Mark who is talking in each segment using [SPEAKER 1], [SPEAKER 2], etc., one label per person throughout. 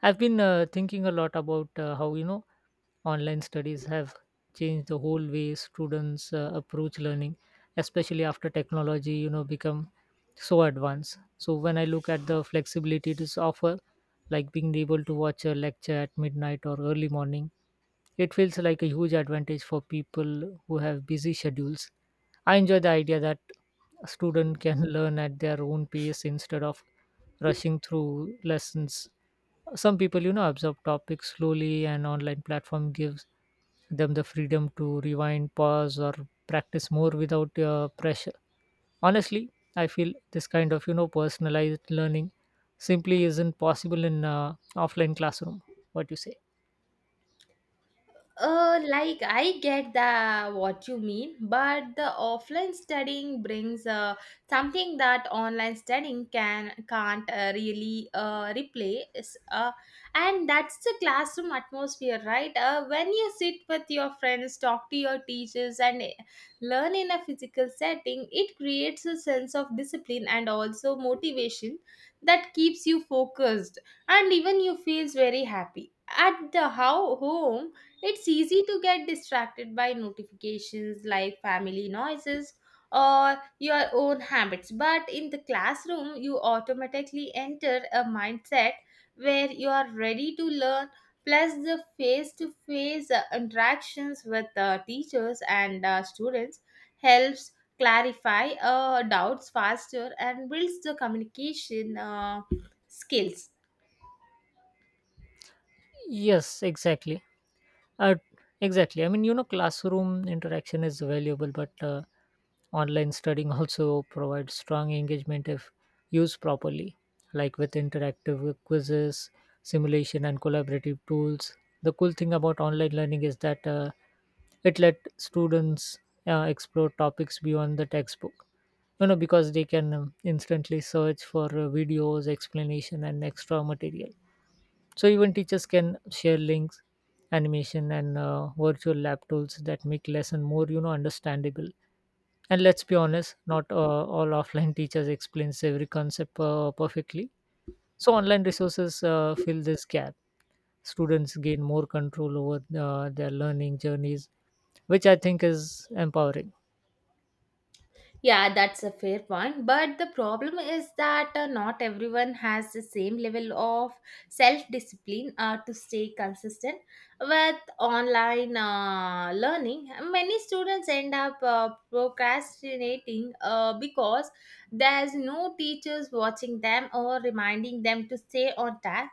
[SPEAKER 1] I've been thinking a lot about how online studies have changed the whole way students approach learning, especially after technology become so advanced. So when I look at the flexibility it is offer, like being able to watch a lecture at midnight or early morning, it feels like a huge advantage for people who have busy schedules. I enjoy the idea that a student can learn at their own pace instead of rushing through lessons. Some people absorb topics slowly, and online platform gives them the freedom to rewind, pause, or practice more without pressure. Honestly, I feel this kind of personalized learning simply isn't possible in offline classroom. What you say?
[SPEAKER 2] Like I get the what you mean, but the offline studying brings something that online studying can't really replace. And that's the classroom atmosphere, right? When you sit with your friends, talk to your teachers, and learn in a physical setting, it creates a sense of discipline and also motivation that keeps you focused, and even you feels very happy. At the how home it's easy to get distracted by notifications like family noises or your own habits, but in the classroom, you automatically enter a mindset where you are ready to learn, plus the face to face interactions with teachers and students helps clarify doubts faster and builds the communication skills.
[SPEAKER 1] Yes, exactly. Uh, exactly. I mean, you know, classroom interaction is valuable, but online studying also provides strong engagement if used properly, like with interactive quizzes, simulation, and collaborative tools. The cool thing about online learning is that it let students explore topics beyond the textbook. You know, because they can instantly search for videos, explanation, and extra material. So even teachers can share links, animation, and virtual lab tools that make lesson more understandable. And let's be honest, not all offline teachers explains every concept perfectly. So online resources fill this gap. Students gain more control over their learning journeys, which I think is empowering.
[SPEAKER 2] Yeah, that's a fair point. But the problem is that not everyone has the same level of self discipline to stay consistent with online learning. Many students end up procrastinating because there's no teachers watching them or reminding them to stay on task.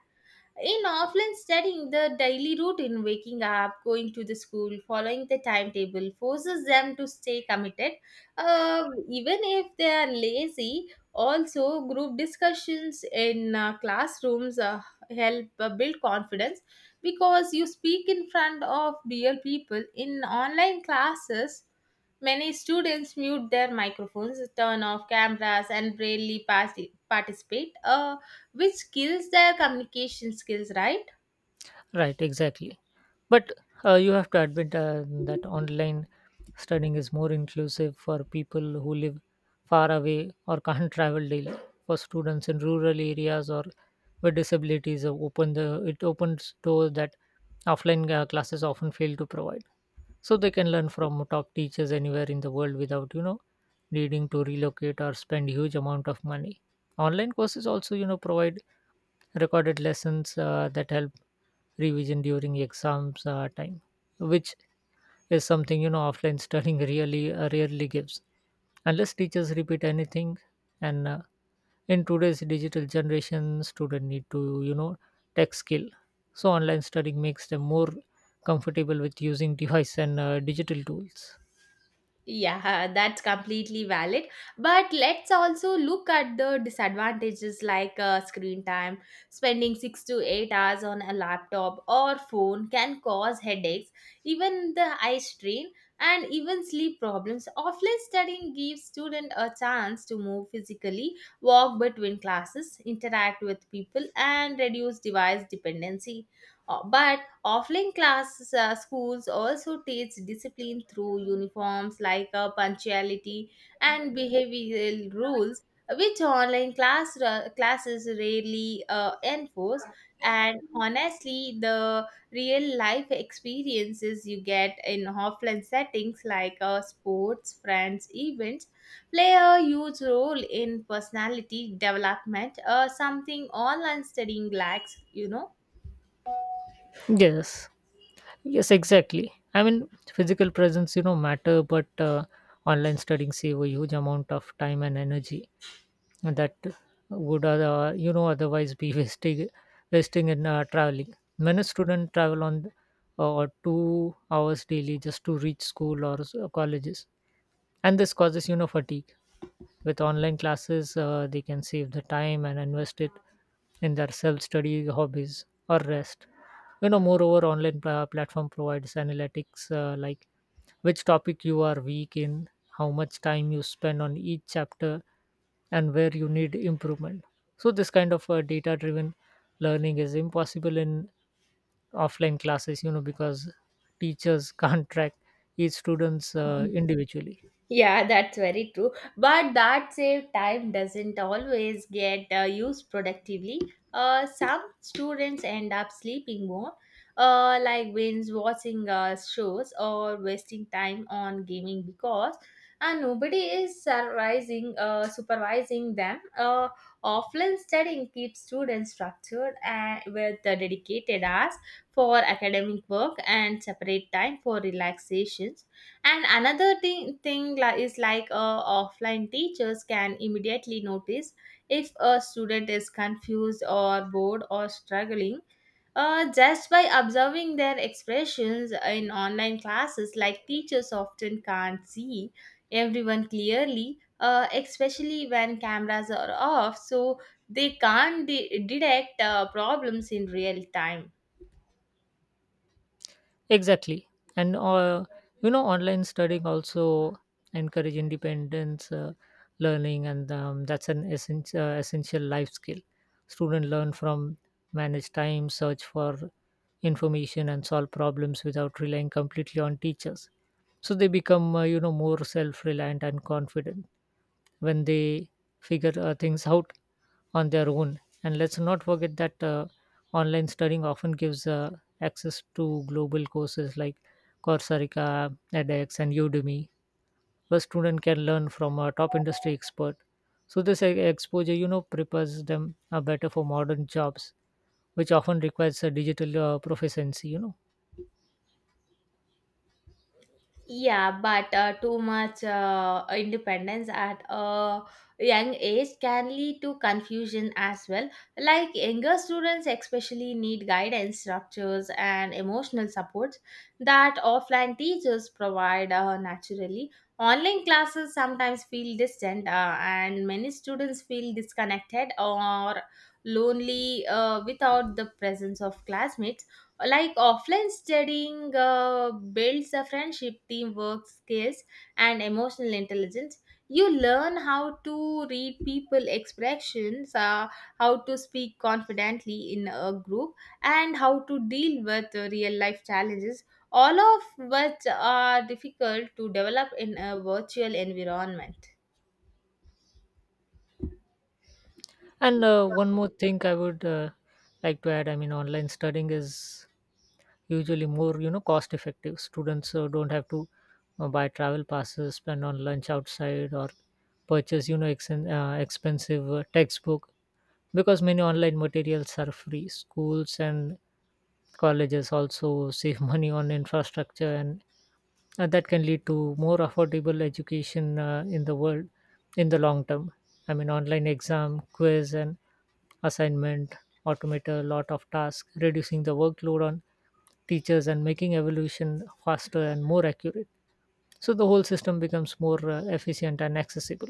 [SPEAKER 2] In offline studying, the daily routine, waking up, going to the school, following the timetable, forces them to stay committed. Even if they are lazy, also group discussions in classrooms help build confidence because you speak in front of real people. In online classes, many students mute their microphones, turn off cameras, and rarely participate. Which kills their communication skills, right?
[SPEAKER 1] Right, exactly. But you have to admit that online studying is more inclusive for people who live far away or can't travel daily. For students in rural areas or with disabilities, open the it opens doors that offline classes often fail to provide. So they can learn from top teachers anywhere in the world without needing to relocate or spend huge amount of money. Online courses also provide recorded lessons that help revision during exams time, which is something offline studying really rarely gives unless teachers repeat anything. And in today's digital generation, students need to tech skill, so online studying makes them more comfortable with using device and digital tools.
[SPEAKER 2] Yeah, that's completely valid, but let's also look at the disadvantages like screen time. Spending 6 to 8 hours on a laptop or phone can cause headaches, even the eye strain and even sleep problems. Offline studying gives students a chance to move physically, walk between classes, interact with people and reduce device dependency. But offline classes, schools also teach discipline through uniforms like punctuality and behavioral rules, which online classes rarely enforce. And honestly, the real life experiences you get in offline settings like sports, friends, events play a huge role in personality development, something online studying lacks, you know.
[SPEAKER 1] Yes. Yes, exactly. I mean, physical presence matter, but online studying save a huge amount of time and energy that would otherwise be wasting in traveling. Many students travel on 2 hours daily just to reach school or s- colleges, and this causes fatigue. With online classes, they can save the time and invest it in their self study, hobbies, or rest. Moreover, online platform provides analytics, like which topic you are weak in, how much time you spend on each chapter, and where you need improvement. So this kind of data driven learning is impossible in offline classes, because teachers can't track each students individually.
[SPEAKER 2] Yeah, that's very true. But that save time doesn't always get used productively. Some students end up sleeping more, like binge watching shows or wasting time on gaming because nobody is supervising them. Offline studying keeps students structured and with dedicated hours for academic work and separate time for relaxation. And another thing is like offline teachers can immediately notice if a student is confused or bored or struggling, just by observing their expressions. In online classes, like teachers often can't see everyone clearly, especially when cameras are off, so they can't detect problems in real time.
[SPEAKER 1] Exactly. And, you know, online studying also encourage independence, learning, and that's an essential life skill. Students learn from manage time, search for information, and solve problems without relying completely on teachers. So they become, you know, more self-reliant and confident when they figure things out on their own. And let's not forget that online studying often gives access to global courses like Coursera, edX, and Udemy, where students can learn from a top industry expert. So this exposure, you know, prepares them better for modern jobs, which often requires a digital proficiency, you know.
[SPEAKER 2] Yeah, but too much independence at a young age can lead to confusion as well. Like younger students, especially, need guidance, structures, and emotional supports that offline teachers provide naturally. Online classes sometimes feel distant, and many students feel disconnected or lonely without the presence of classmates. Like offline studying builds a friendship, teamwork, skills, and emotional intelligence. You learn how to read people expressions, how to speak confidently in a group, and how to deal with real life challenges, all of which are difficult to develop in a virtual environment.
[SPEAKER 1] And one more thing I would like to add, I mean, online studying is usually more cost effective. Students don't have to buy travel passes, spend on lunch outside, or purchase expensive textbook, because many online materials are free. Schools and colleges also save money on infrastructure, and that can lead to more affordable education in the world in the long term. I mean, online exam, quiz, and assignment automate a lot of tasks, reducing the workload on teachers and making evolution faster and more accurate. So the whole system becomes more efficient and accessible.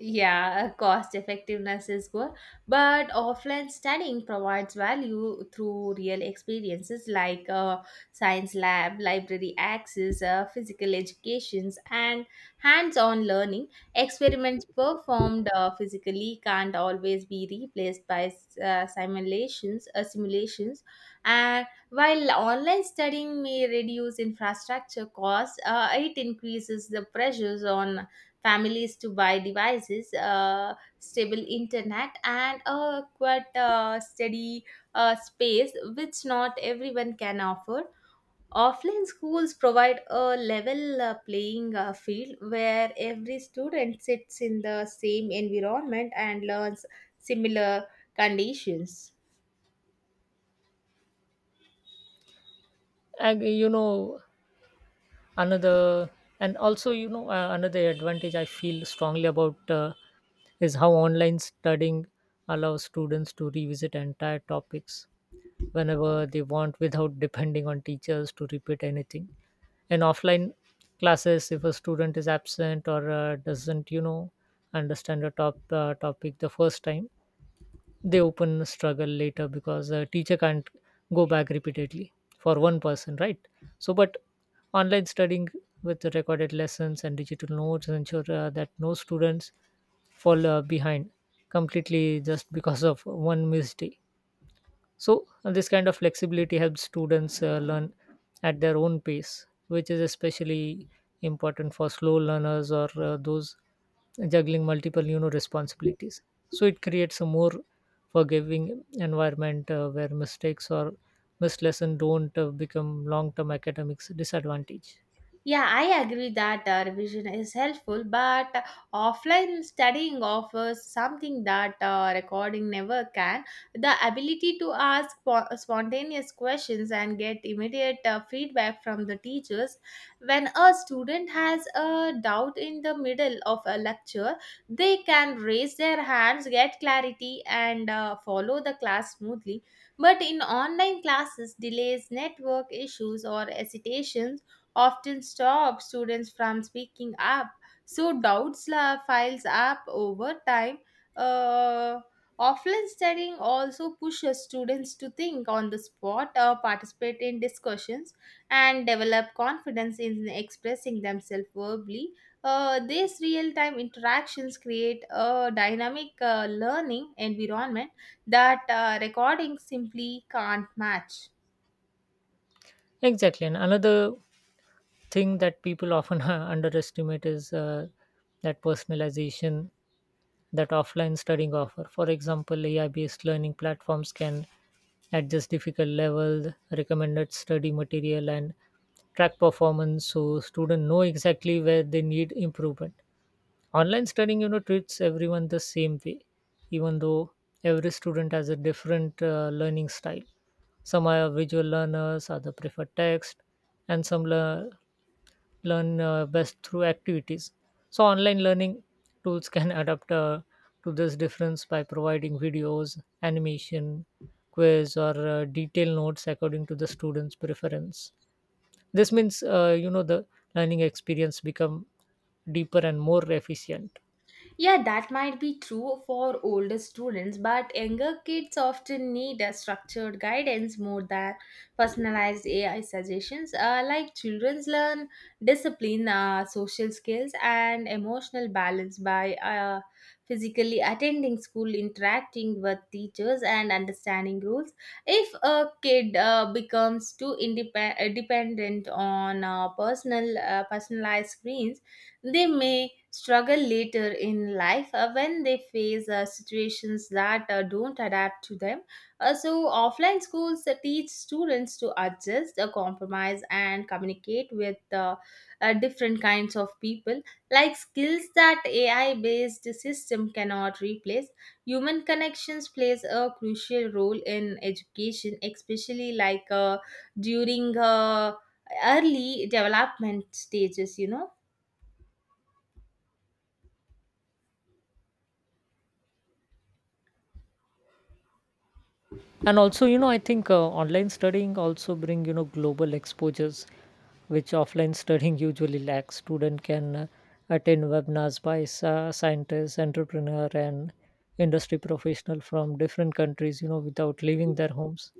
[SPEAKER 2] Yeah, cost effectiveness is good, but offline studying provides value through real experiences like science lab, library access, physical educations, and hands-on learning. Experiments performed physically can't always be replaced by simulations, and while online studying may reduce infrastructure costs, it increases the pressures on families to buy devices, stable internet, and a quite steady space, which not everyone can afford. Offline schools provide a level playing field where every student sits in the same environment and learns similar conditions.
[SPEAKER 1] And you know another and also another advantage I feel strongly about is how online studying allows students to revisit entire topics whenever they want without depending on teachers to repeat anything. In offline classes, if a student is absent or doesn't understand a topic the first time, they open struggle later because the teacher can't go back repeatedly for one person, right? So but online studying, with the recorded lessons and digital notes, ensure that no students fall behind completely just because of one missed day. So this kind of flexibility helps students learn at their own pace, which is especially important for slow learners or those juggling multiple responsibilities. So it creates a more forgiving environment where mistakes or missed lesson don't become long-term academics disadvantage.
[SPEAKER 2] Yeah, I agree that revision is helpful, but offline studying offers something that recording never can: the ability to ask spontaneous questions and get immediate feedback from the teachers. When a student has a doubt in the middle of a lecture, they can raise their hands, get clarity, and follow the class smoothly. But in online classes, delays, network issues, or hesitations often stop students from speaking up. So doubts files up over time. Uh, offline studying also pushes students to think on the spot or participate in discussions and develop confidence in expressing themselves verbally. These real-time interactions create a dynamic learning environment that recording simply can't match.
[SPEAKER 1] Exactly, and another thing that people often underestimate is that personalization that offline studying offer. For example, AI-based learning platforms can adjust difficult level, recommended study material, and track performance so students know exactly where they need improvement. Online studying, you know, treats everyone the same way, even though every student has a different learning style. Some are visual learners, other prefer text, and some learn best through activities. So online learning tools can adapt to this difference by providing videos, animation, quiz, or detailed notes according to the student's preference. This means, you know, the learning experience become deeper and more efficient.
[SPEAKER 2] Yeah, that might be true for older students, but younger kids often need a structured guidance more than personalized AI suggestions. Like children learn discipline, social skills, and emotional balance by physically attending school, interacting with teachers, and understanding rules. If a kid becomes too independent dependent on personalized screens, they may struggle later in life when they face situations that don't adapt to them. So, offline schools teach students to adjust, compromise, and communicate with different kinds of people, like skills that AI based system cannot replace. Human connections plays a crucial role in education, especially like during early development stages, you know.
[SPEAKER 1] And also, you know, I think online studying also bring global exposures which offline studying usually lacks. Student can attend webinars by scientists, entrepreneur, and industry professional from different countries, you know, without leaving their homes.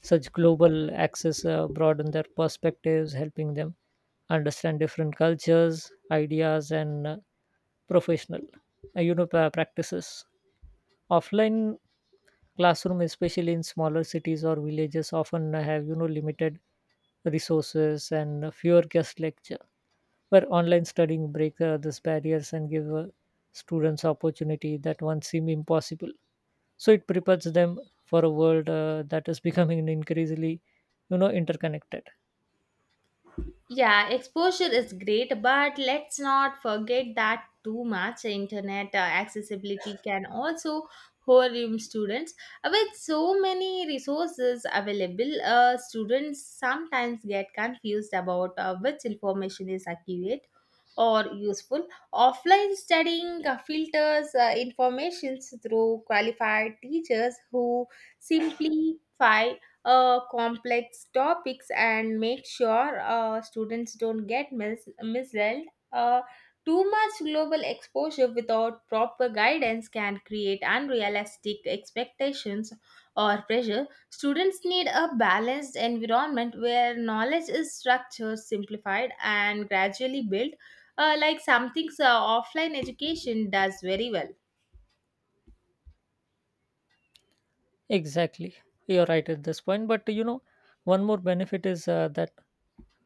[SPEAKER 1] Such global access broaden their perspectives, helping them understand different cultures, ideas, and professional practices. Offline classroom, especially in smaller cities or villages, often have limited resources and fewer guest lecture, where online studying break these barriers and give students opportunity that once seem impossible. So it prepares them for a world that is becoming increasingly interconnected.
[SPEAKER 2] Yeah, exposure is great, but let's not forget that too much internet accessibility can also harm students. With so many resources available, students sometimes get confused about which information is accurate or useful. Offline studying filters information through qualified teachers who simplify complex topics and make sure students don't get misled. Uh, too much global exposure without proper guidance can create unrealistic expectations or pressure. Students need a balanced environment where knowledge is structured, simplified, and gradually built, like something offline education does very well.
[SPEAKER 1] Exactly. You're right at this point. But you know, one more benefit is that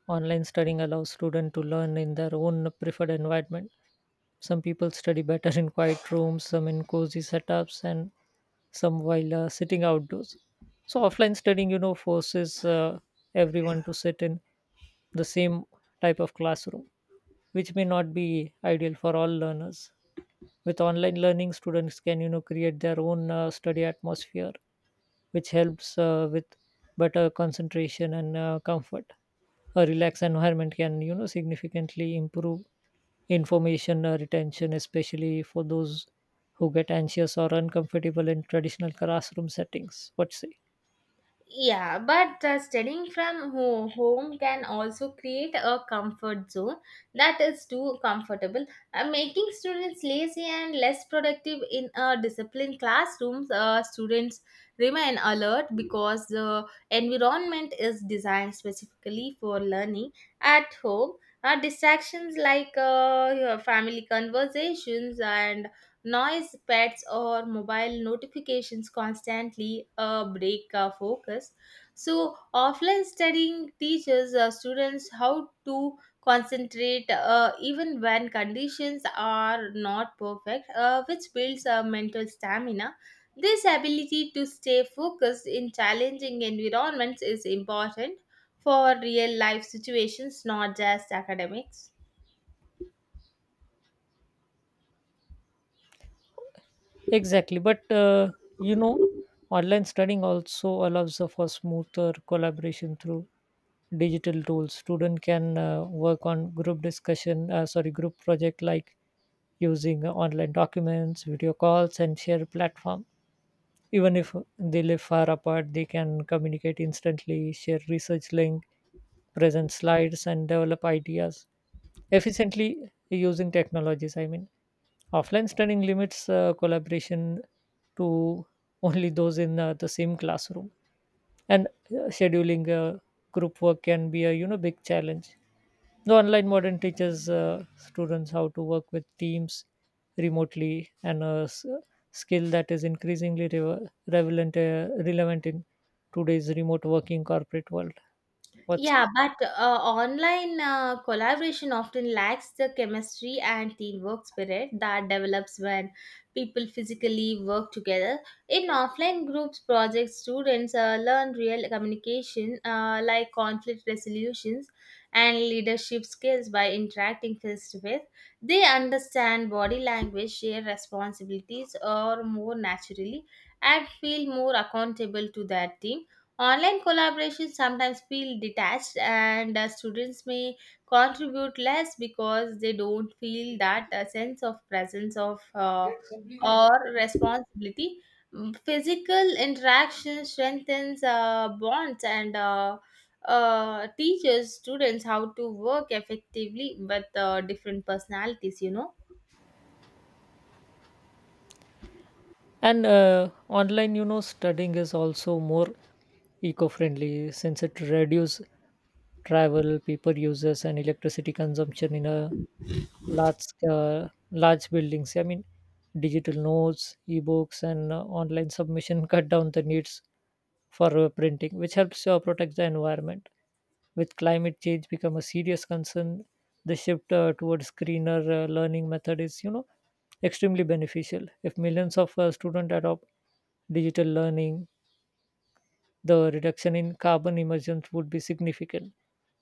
[SPEAKER 1] online studying allows students to learn in their own preferred environment. Some people study better in quiet rooms, some in cozy setups, and some while sitting outdoors. So offline studying, you know, forces everyone to sit in the same type of classroom, which may not be ideal for all learners. With online learning, students can, you know, create their own study atmosphere which helps with better concentration and comfort. A relaxed environment can, you know, significantly improve information retention, especially for those who get anxious or uncomfortable in traditional classroom settings. What say?
[SPEAKER 2] Yeah, but studying from home can also create a comfort zone that is too comfortable, making students lazy and less productive in a disciplined classrooms. Students remain alert because the environment is designed specifically for learning at home. Distractions like your family conversations and noise, pets, or mobile notifications constantly break our focus. So, offline studying teaches students how to concentrate even when conditions are not perfect, which builds mental stamina. This ability to stay focused in challenging environments is important for real life situations, not just academics.
[SPEAKER 1] Exactly, but you know, online studying also allows for smoother collaboration through digital tools. Student can work on group project, like using online documents, video calls, and share platform. Even if they live far apart, they can communicate instantly, share research link, present slides, and develop ideas efficiently using technologies, I mean. Offline studying limits collaboration to only those in the same classroom, and scheduling group work can be a big challenge. The online modern teaches students how to work with teams remotely, and a skill that is increasingly relevant in today's remote working corporate world. What's...
[SPEAKER 2] Yeah, but online collaboration often lacks the chemistry and teamwork spirit that develops when people physically work together. In offline groups projects, students learn real communication, like conflict resolutions and leadership skills by interacting face to face. They understand body language, share responsibilities, or more naturally, and feel more accountable to their team. Online collaborations sometimes feel detached, and students may contribute less because they don't feel that sense of presence of or responsibility. Mm, physical interaction strengthens bonds and teaches students how to work effectively with different personalities, you know.
[SPEAKER 1] And online, you know, studying is also more eco-friendly since it reduces travel, paper uses, and electricity consumption in a large large buildings. I mean, digital notes, ebooks, and online submission cut down the needs for printing, which helps protect the environment. With climate change become a serious concern, the shift towards greener learning method is, you know, extremely beneficial. If millions of students adopt digital learning, the reduction in carbon emissions would be significant.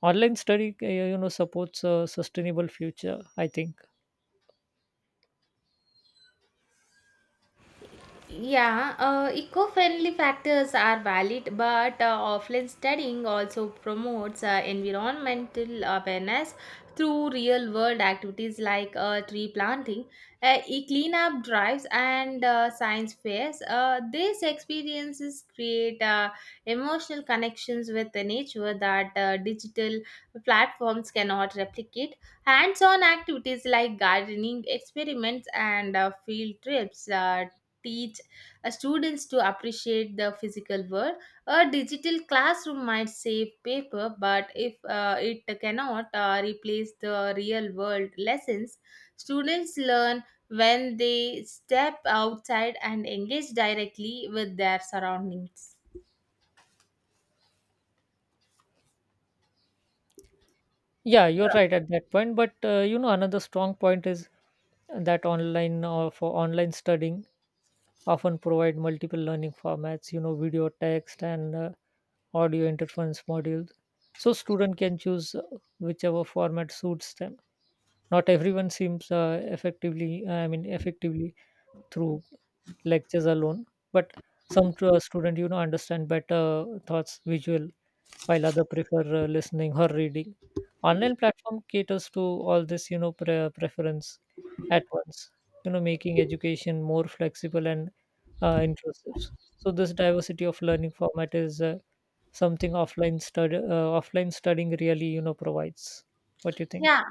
[SPEAKER 1] Online study, you know, supports a sustainable future, I think.
[SPEAKER 2] Yeah, eco-friendly factors are valid, but offline studying also promotes environmental awareness through real-world activities like tree planting, e-cleanup drives, and science fairs. These experiences create emotional connections with the nature that digital platforms cannot replicate. Hands-on activities like gardening experiments and field trips, teach students to appreciate the physical world. A digital classroom might save paper, but if it cannot replace the real world lessons, students learn when they step outside and engage directly with their surroundings.
[SPEAKER 1] Yeah, you're right at that point. But you know, another strong point is that online or for online studying often provide multiple learning formats, you know, video, text, and audio interference modules, so student can choose whichever format suits them. Not everyone seems effectively through lectures alone, but some student, you know, understand better thoughts visual, while other prefer listening or reading. Online platform caters to all this, you know, preference at once, you know, making education more flexible and inclusive. So this diversity of learning format is something offline studying really, you know, provides. What do you think?
[SPEAKER 2] Yeah,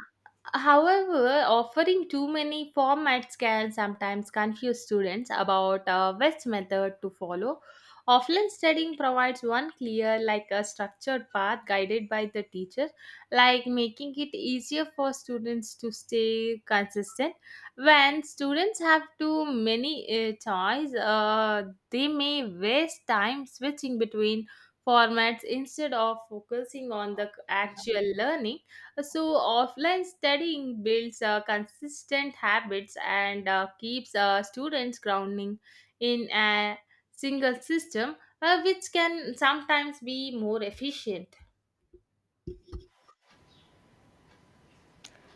[SPEAKER 2] however, offering too many formats can sometimes confuse students about best method to follow. Offline studying provides one clear, like a structured path guided by the teacher, like making it easier for students to stay consistent. When students have too many choice, they may waste time switching between formats instead of focusing on the actual learning. So offline studying builds consistent habits and keeps students grounding in a single system, which can sometimes be more efficient.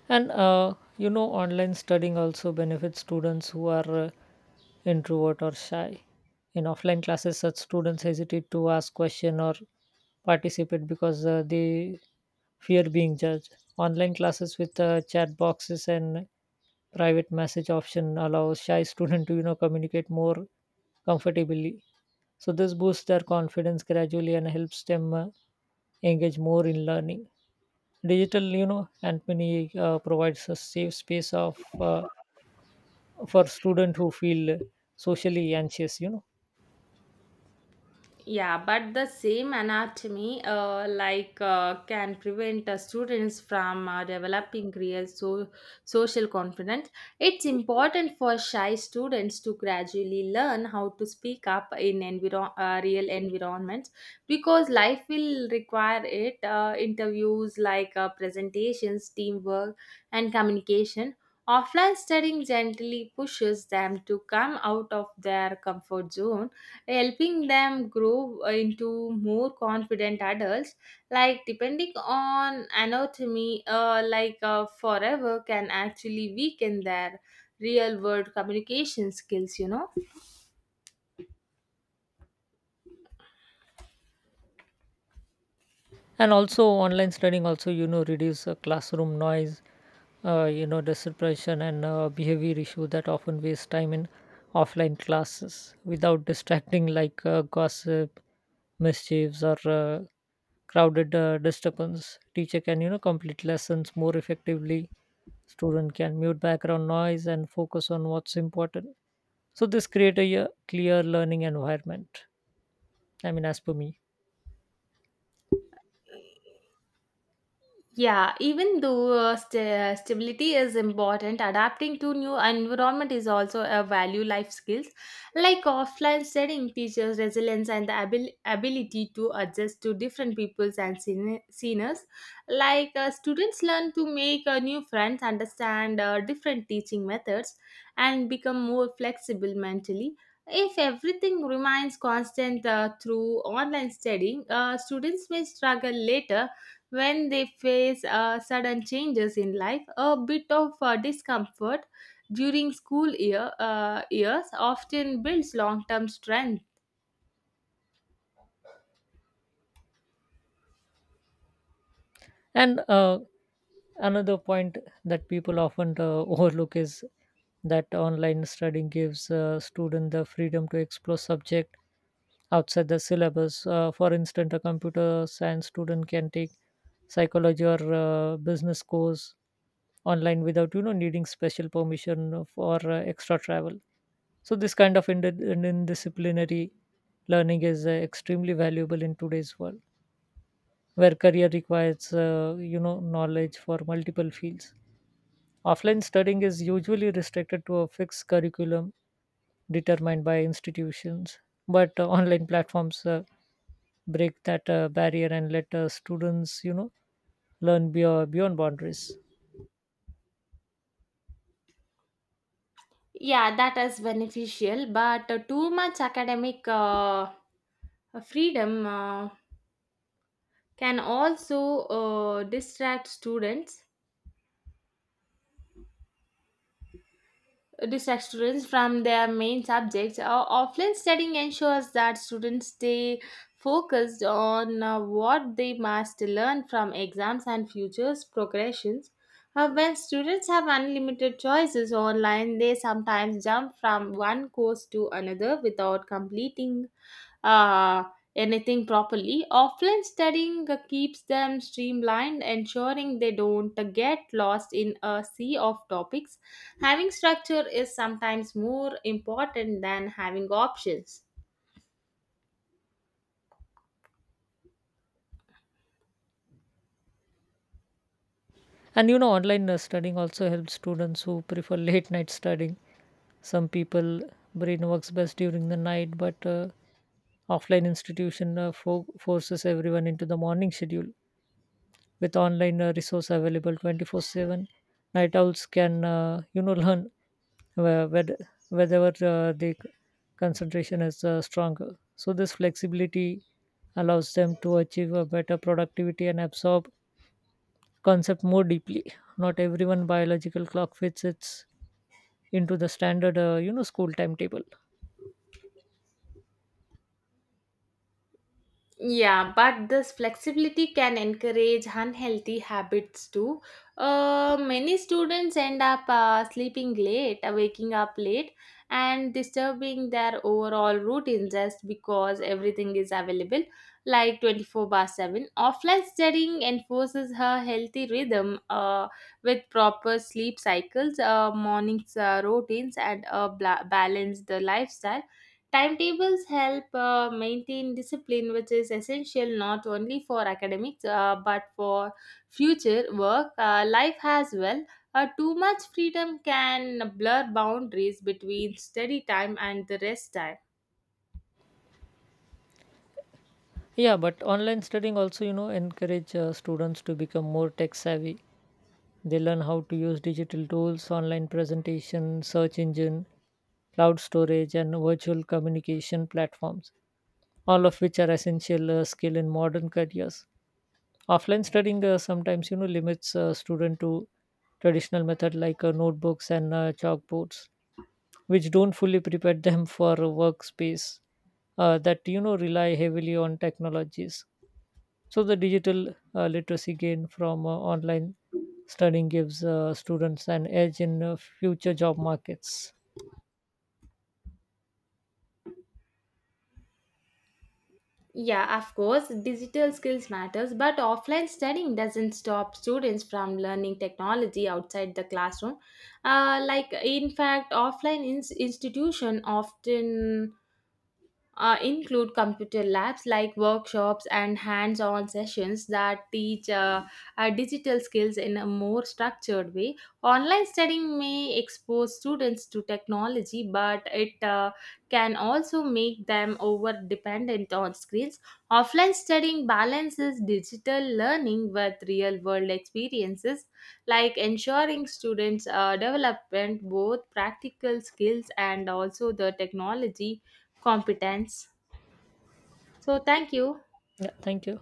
[SPEAKER 1] And you know, online studying also benefits students who are introvert or shy. In offline classes, such students hesitate to ask question or participate because they fear being judged. Online classes, with chat boxes and private message option, allows shy student to communicate more comfortably. So this boosts their confidence gradually and helps them engage more in learning. Digital, you know, Anthony provides a safe space of for student who feel socially anxious, you know.
[SPEAKER 2] Yeah, but the same anatomy, can prevent students from developing real social confidence. It's important for shy students to gradually learn how to speak up in real environments because life will require it. Interviews like presentations, teamwork, and communication. Offline studying gently pushes them to come out of their comfort zone, helping them grow into more confident adults. Like depending on anatomy forever can actually weaken their real world communication skills, you know.
[SPEAKER 1] And also online studying also, you know, reduce classroom noise, disruption, and behavior issue that often waste time in offline classes. Without distracting like gossip, mischiefs, or crowded disturbance, teacher can, complete lessons more effectively. Student can mute background noise and focus on what's important. So this create a clear learning environment, I mean, as per me.
[SPEAKER 2] Yeah, even though stability is important, adapting to new environment is also a value life skills. Like offline studying teaches resilience and the ability to adjust to different peoples and scenarios. Like students learn to make new friends, understand different teaching methods, and become more flexible mentally. If everything remains constant through online studying, students may struggle later when they face sudden changes in life. A bit of discomfort during school years often builds long term strength.
[SPEAKER 1] And another point that people often overlook is that online studying gives students the freedom to explore subject outside the syllabus. For instance, a computer science student can take psychology or business course online without needing special permission for extra travel. So this kind of indisciplinary learning is extremely valuable in today's world, where career requires, knowledge for multiple fields. Offline studying is usually restricted to a fixed curriculum determined by institutions, but online platforms break that barrier and let students, you know, learn beyond boundaries.
[SPEAKER 2] Yeah, that is beneficial, but too much academic freedom can also distract students distractions from their main subjects. Offline studying ensures that students stay focused on what they must learn from exams and futures progressions. When students have unlimited choices online, they sometimes jump from one course to another without completing uh, anything properly. Offline studying keeps them streamlined, ensuring they don't get lost in a sea of topics. Having structure is sometimes more important than having options.
[SPEAKER 1] And you know, online studying also helps students who prefer late night studying. Some people brain works best during the night, but offline institution forces everyone into the morning schedule. With online resource available 24/7, night owls can, you know, learn where- where- wherever concentration is stronger. So this flexibility allows them to achieve a better productivity and absorb concept more deeply. Not everyone biological clock fits its into the standard, school timetable.
[SPEAKER 2] Yeah, but this flexibility can encourage unhealthy habits too. Many students end up sleeping late, waking up late, and disturbing their overall routine just because everything is available, like 24 bar 7. Offline studying enforces her healthy rhythm with proper sleep cycles, mornings routines, and a balanced lifestyle. Timetables help maintain discipline, which is essential not only for academics but for future work, life as well. Too much freedom can blur boundaries between study time and the rest time.
[SPEAKER 1] Yeah, but online studying also, you know, encourage students to become more tech savvy. They learn how to use digital tools, online presentation, search engine, cloud storage, and virtual communication platforms, all of which are essential skill in modern careers. Offline studying sometimes, you know, limits student to traditional method like notebooks and chalkboards, which don't fully prepare them for a workspace that, you know, rely heavily on technologies. So the digital literacy gained from online studying gives students an edge in future job markets.
[SPEAKER 2] Yeah, of course, digital skills matters, but offline studying doesn't stop students from learning technology outside the classroom. Like in fact, offline institution often include computer labs like workshops and hands on sessions that teach digital skills in a more structured way. Online studying may expose students to technology, but it can also make them over dependent on screens. Offline studying balances digital learning with real world experiences, like ensuring students development both practical skills and also the technology competence. So, thank you.
[SPEAKER 1] Yeah, thank you.